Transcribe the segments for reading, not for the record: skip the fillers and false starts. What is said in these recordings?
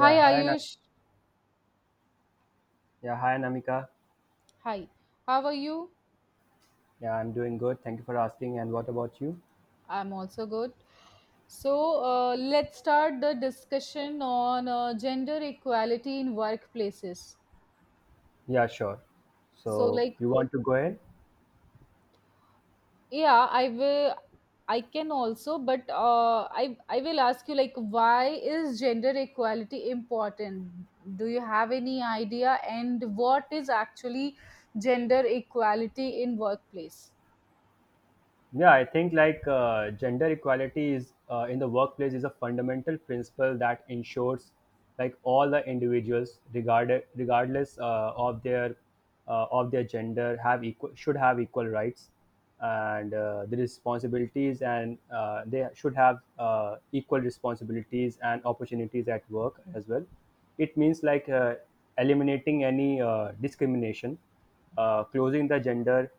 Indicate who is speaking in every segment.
Speaker 1: Hi
Speaker 2: hi, Na-
Speaker 1: Ayush.
Speaker 2: yeah, hi, Namika.
Speaker 1: Hi. How are you?
Speaker 2: Yeah, I'm doing good. Thank you for asking. And what about you?
Speaker 1: I'm also good. So let's start the discussion on gender equality in workplaces.
Speaker 2: Yeah, sure.
Speaker 1: So
Speaker 2: So
Speaker 1: like
Speaker 2: you want to go ahead?
Speaker 1: yeah, I will. I can also but I will ask you like why is gender equality important? Do you have any idea and what is actually gender equality in workplace?
Speaker 2: Yeah, I think gender equality is in the workplace is a fundamental principle that ensures like all the individuals, regarded regardless of their gender, have equal should have equal rights and the responsibilities, and they should have equal responsibilities and opportunities at work as well. It means eliminating any discrimination, uh, closing the gender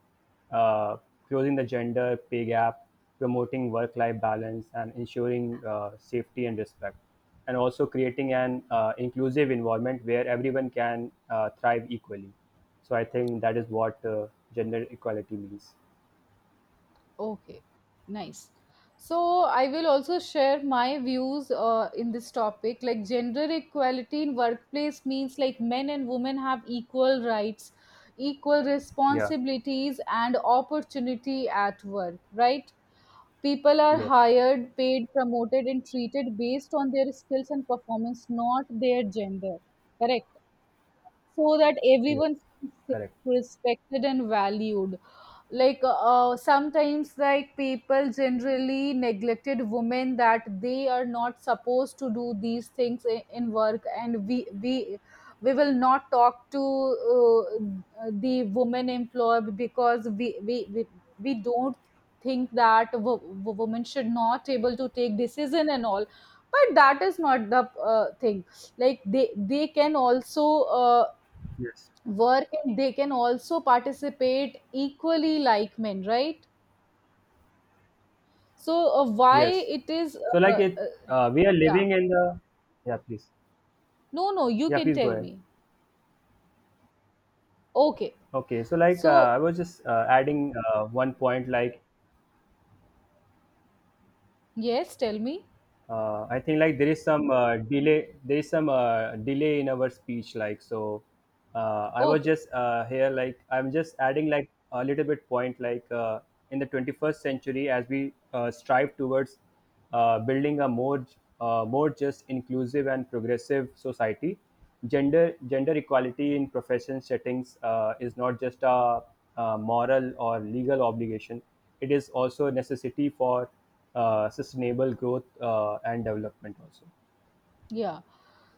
Speaker 2: uh, closing the gender pay gap, promoting work life balance, and ensuring safety and respect, and also creating an inclusive environment where everyone can thrive equally. So I think that is what gender equality means.
Speaker 1: Okay, nice. So I will also share my views in this topic. Like gender equality in workplace means like men and women have equal rights, equal
Speaker 2: Yeah.
Speaker 1: responsibilities and opportunity at work, right? People are
Speaker 2: Yes.
Speaker 1: hired, paid, promoted and treated based on their skills and performance, not their gender. Correct, so that
Speaker 2: Yes.
Speaker 1: everyone feels safe,
Speaker 2: Correct.
Speaker 1: respected and valued. Like sometimes like people generally neglected women, that they are not supposed to do these things in work, and we will not talk to the woman employer because we don't think that women should not able to take decision and all, but that is not the thing. Like they can also
Speaker 2: Yes.
Speaker 1: work and they can also participate equally like men, right? So why
Speaker 2: Yes.
Speaker 1: it is
Speaker 2: So
Speaker 1: uh,
Speaker 2: like
Speaker 1: uh,
Speaker 2: it, we are
Speaker 1: yeah
Speaker 2: living in the. Yeah, please.
Speaker 1: no, no, you
Speaker 2: Yeah,
Speaker 1: can
Speaker 2: please go
Speaker 1: tell
Speaker 2: ahead.
Speaker 1: me. Okay,
Speaker 2: Okay, so
Speaker 1: so
Speaker 2: I was just adding 1 point, like
Speaker 1: yes, tell me.
Speaker 2: I think like there is some delay there is some delay in our speech, so I was
Speaker 1: Okay.
Speaker 2: just here like I'm just adding a little bit point in the 21st century as we strive towards building a more just inclusive and progressive society gender equality in profession settings is not just a moral or legal obligation. It is also a necessity for sustainable growth and development also.
Speaker 1: Yeah.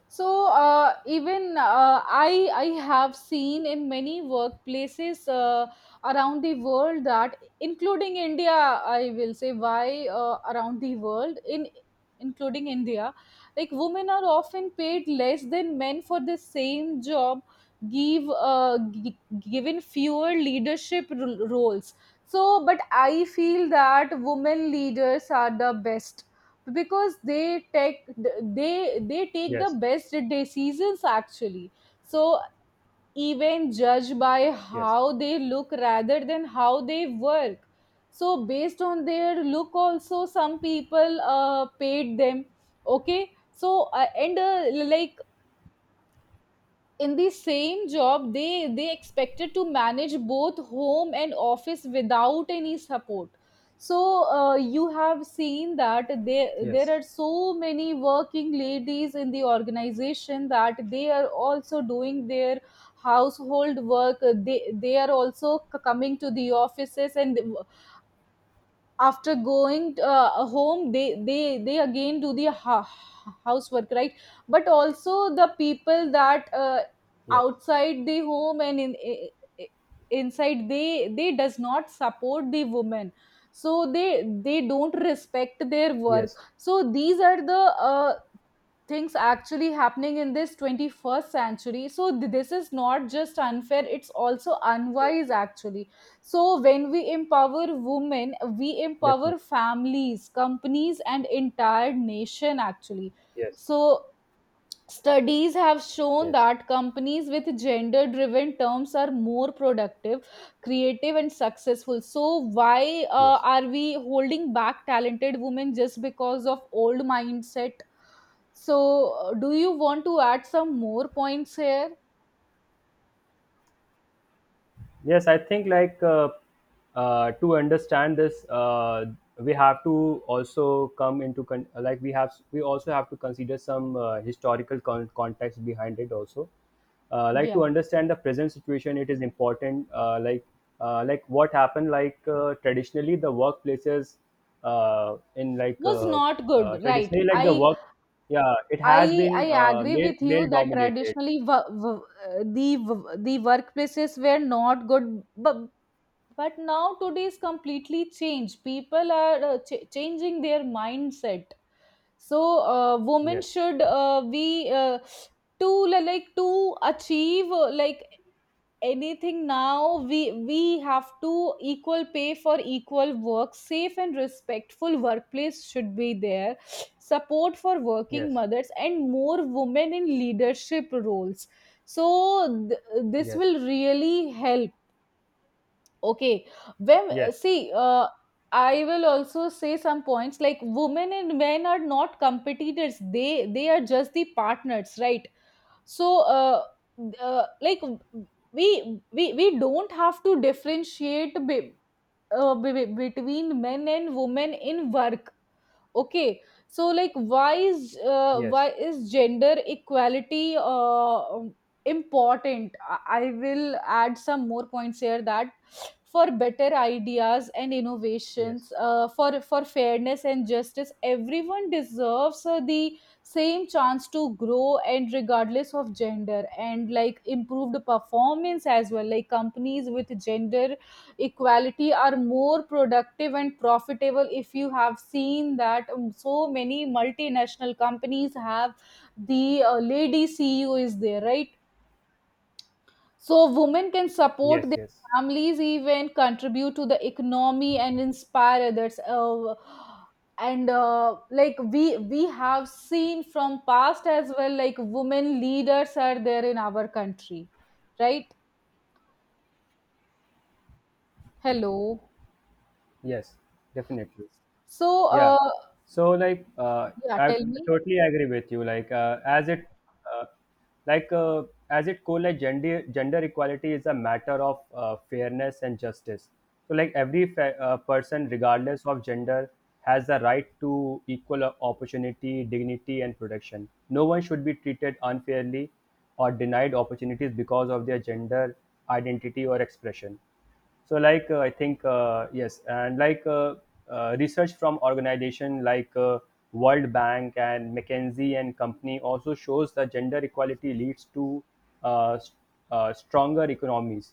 Speaker 1: So even I have seen in many workplaces around the world, that including India, I will say, why around the world in including India, like women are often paid less than men for the same job, given fewer leadership roles. So but I feel that women leaders are the best, because they take, they take the
Speaker 2: Yes,
Speaker 1: best decisions actually. So even judge by
Speaker 2: yes,
Speaker 1: how they look rather than how they work. So based on their look also some people paid them. Okay, so and like in the same job they expected to manage both home and office without any support. So you have seen that there
Speaker 2: yes,
Speaker 1: are so many working ladies in the organization, that they are also doing their household work. They are also coming to the offices, and after going home they again do the housework, right? But also the people that
Speaker 2: yes,
Speaker 1: outside the home and in i- inside, they does not support the women, so they don't respect their work.
Speaker 2: yes,
Speaker 1: So these are the uh, things actually happening in this 21st century. So this is not just unfair, it's also
Speaker 2: yes,
Speaker 1: unwise actually. So when we empower women, we empower
Speaker 2: definitely.
Speaker 1: families, companies and entire nation actually.
Speaker 2: Yes,
Speaker 1: So studies have shown
Speaker 2: yes,
Speaker 1: that companies with gender driven terms are more productive, creative and successful. So why
Speaker 2: yes.
Speaker 1: are we holding back talented women just because of old mindset? So, do you want to add some more points here?
Speaker 2: Yes, I think to understand this, we have to also come into con- like we have we also have to consider some historical context behind it also. Like, to
Speaker 1: Yeah.
Speaker 2: understand the present situation, it is important. Like what happened traditionally the workplaces in like
Speaker 1: Was not good, right?
Speaker 2: traditionally like the
Speaker 1: i
Speaker 2: work yeah it has
Speaker 1: i i
Speaker 2: been uh,
Speaker 1: agree
Speaker 2: male
Speaker 1: with you
Speaker 2: male
Speaker 1: that
Speaker 2: dominated.
Speaker 1: traditionally the workplaces were not good, but but now today is completely changed, people are changing their mindset. So women
Speaker 2: Yes.
Speaker 1: should be, uh, like to achieve like anything, now we have to equal pay for equal work, safe and respectful workplace should be there, support for working
Speaker 2: Yes.
Speaker 1: mothers and more women in leadership roles. So this
Speaker 2: Yes.
Speaker 1: will really help. Okay. When
Speaker 2: Yes.
Speaker 1: see, I will also say some points. Like women and men are not competitors, they are just the partners, right? So like we don't have to differentiate between men and women in work. Okay, so like, why
Speaker 2: Yes.
Speaker 1: is gender equality important? I will add some more points here. That for better ideas and innovations,
Speaker 2: Yes,
Speaker 1: for fairness and justice, everyone deserves the same chance to grow and regardless of gender, and like improved performance as well, like companies with gender equality are more productive and profitable. If you have seen that, so many multinational companies have the lady ceo is there, right? So women can support
Speaker 2: yes,
Speaker 1: their
Speaker 2: yes,
Speaker 1: families, even contribute to the economy and inspire others. And Like we have seen from past as well, like women leaders are there in our country, right? Hello.
Speaker 2: yes, definitely.
Speaker 1: So
Speaker 2: Yeah.
Speaker 1: uh,
Speaker 2: So like, uh,
Speaker 1: yeah,
Speaker 2: I
Speaker 1: tell me.
Speaker 2: totally agree with you. Uh, like, as it cool, like gender equality is a matter of fairness and justice. So like every person, regardless of gender, has the right to equal opportunity, dignity, and protection. No one should be treated unfairly or denied opportunities because of their gender identity or expression. So like I think yes and like Research from organization like World Bank and McKinsey and Company also shows that gender equality leads to uh, s- stronger economies,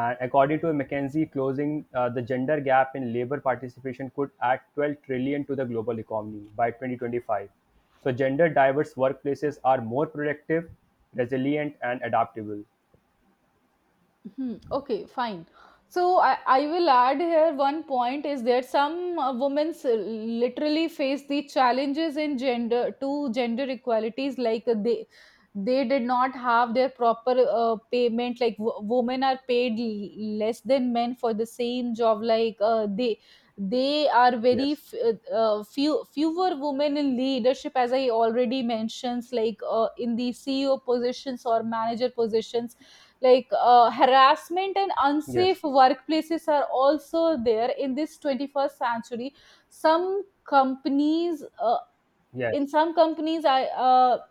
Speaker 2: and according to McKinsey, closing the gender gap in labor participation could add 12 trillion to the global economy by 2025. So gender diverse workplaces are more productive, resilient and adaptable.
Speaker 1: Hmm, okay, fine. So I will add here one point is that some women literally face the challenges in gender to gender equalities. Like they did not have their proper payment. Like women are paid less than men for the same job. Like they are very
Speaker 2: Yes,
Speaker 1: fewer women in leadership, as I already mentioned, like in the ceo positions or manager positions. Like harassment and unsafe
Speaker 2: yes,
Speaker 1: workplaces are also there in this 21st century. some companies uh,
Speaker 2: yes,
Speaker 1: in some companies uh,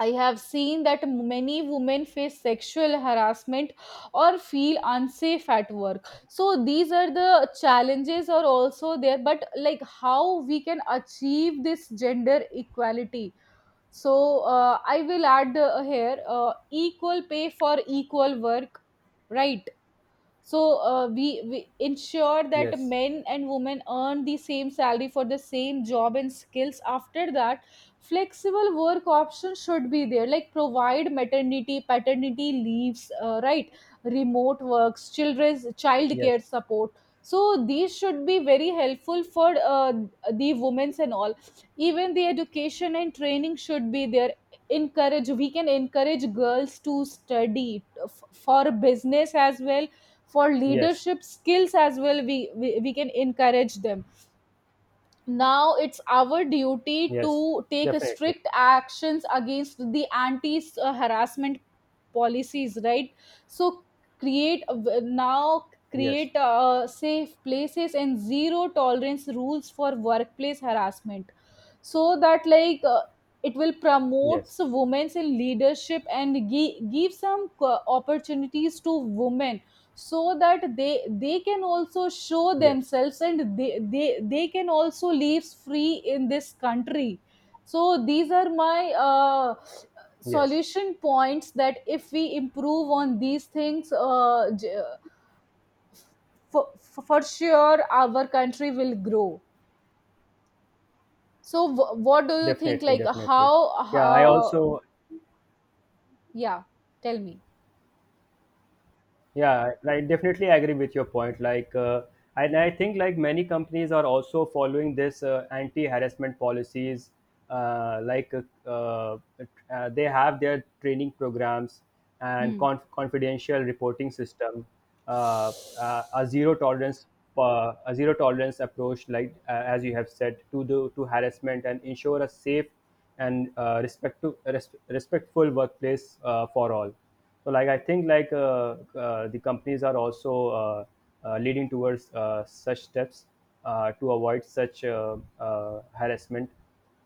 Speaker 1: I have seen that many women face sexual harassment or feel unsafe at work. So these are the challenges are also there, but like how we can achieve this gender equality. So I will add here equal pay for equal work, right? So we ensure that
Speaker 2: yes.
Speaker 1: men and women earn the same salary for the same job and skills. After that, flexible work options should be there, like provide maternity paternity leaves, right, remote works, children's child care
Speaker 2: Yes,
Speaker 1: support. So these should be very helpful for the women's and all. Even the education and training should be there. Encourage, we can encourage girls to study for business as well, for
Speaker 2: yes,
Speaker 1: leadership skills as well, we can encourage them. Now it's our duty
Speaker 2: yes,
Speaker 1: to take
Speaker 2: definitely.
Speaker 1: strict actions against the anti harassment policies, right? So create, now
Speaker 2: Yes,
Speaker 1: create safe places and zero tolerance rules for workplace harassment, so that like it will promote
Speaker 2: yes,
Speaker 1: women's in leadership and opportunities to women, so that they can also show
Speaker 2: yes,
Speaker 1: themselves, and they can also live free in this country. So these are my
Speaker 2: yes,
Speaker 1: solution points, that if we improve on these things, for sure our country will grow. So what do you think,
Speaker 2: definitely,
Speaker 1: like
Speaker 2: definitely.
Speaker 1: how
Speaker 2: Yeah, I also,
Speaker 1: yeah, tell me.
Speaker 2: Yeah, I definitely agree with your point. And I think like many companies are also following this anti-harassment policies. Uh, like, uh, uh, they have their training programs and
Speaker 1: Hmm.
Speaker 2: confidential reporting system, uh, uh, a zero tolerance, a zero tolerance approach, as you have said, to the to harassment, and ensure a safe and respectful workplace for all. So like I think like The companies are also uh, leading towards such steps to avoid such harassment.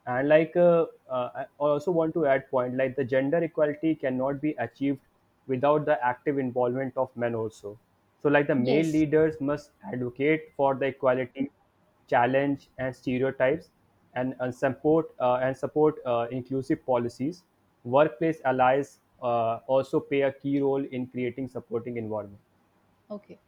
Speaker 2: And I also want to add point like the gender equality cannot be achieved without the active involvement of men also. So like the male
Speaker 1: Yes.
Speaker 2: leaders must advocate for the equality, challenge and stereotypes, and support inclusive policies. Workplace allies also play a key role in creating supporting environment.
Speaker 1: Okay.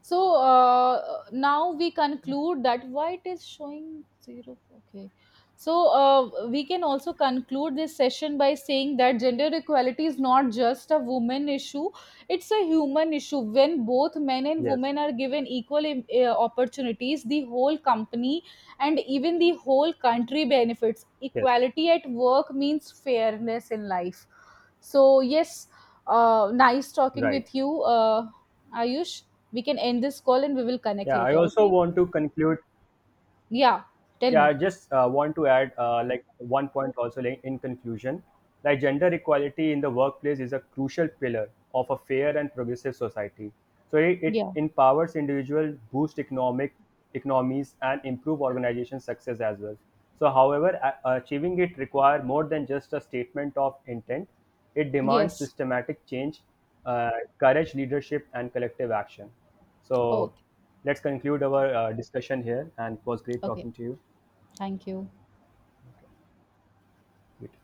Speaker 1: So now we conclude that why it is showing zero. Okay. So we can also conclude this session by saying that gender equality is not just a woman issue, it's a human issue. When both men and
Speaker 2: Yes,
Speaker 1: women are given equal opportunities, the whole company and even the whole country benefits.
Speaker 2: yes,
Speaker 1: Equality at work means fairness in life. So, yes, nice talking
Speaker 2: right.
Speaker 1: with you. Ayush, we can end this call and we will connect
Speaker 2: Yeah, I
Speaker 1: later,
Speaker 2: also
Speaker 1: okay?
Speaker 2: want to conclude.
Speaker 1: Yeah, tell
Speaker 2: Yeah,
Speaker 1: me.
Speaker 2: I just want to add 1 point also, like, in conclusion, like gender equality in the workplace is a crucial pillar of a fair and progressive society. So it
Speaker 1: Yeah,
Speaker 2: empowers individuals, boosts economic economies, and improve organization success as well. So, however, achieving it requires more than just a statement of intent. It demands
Speaker 1: yes.
Speaker 2: systematic change, uh, courage, leadership, and collective action. So,
Speaker 1: Okay.
Speaker 2: let's conclude our discussion here, and it was great
Speaker 1: Okay,
Speaker 2: talking to you.
Speaker 1: thank you.
Speaker 2: Good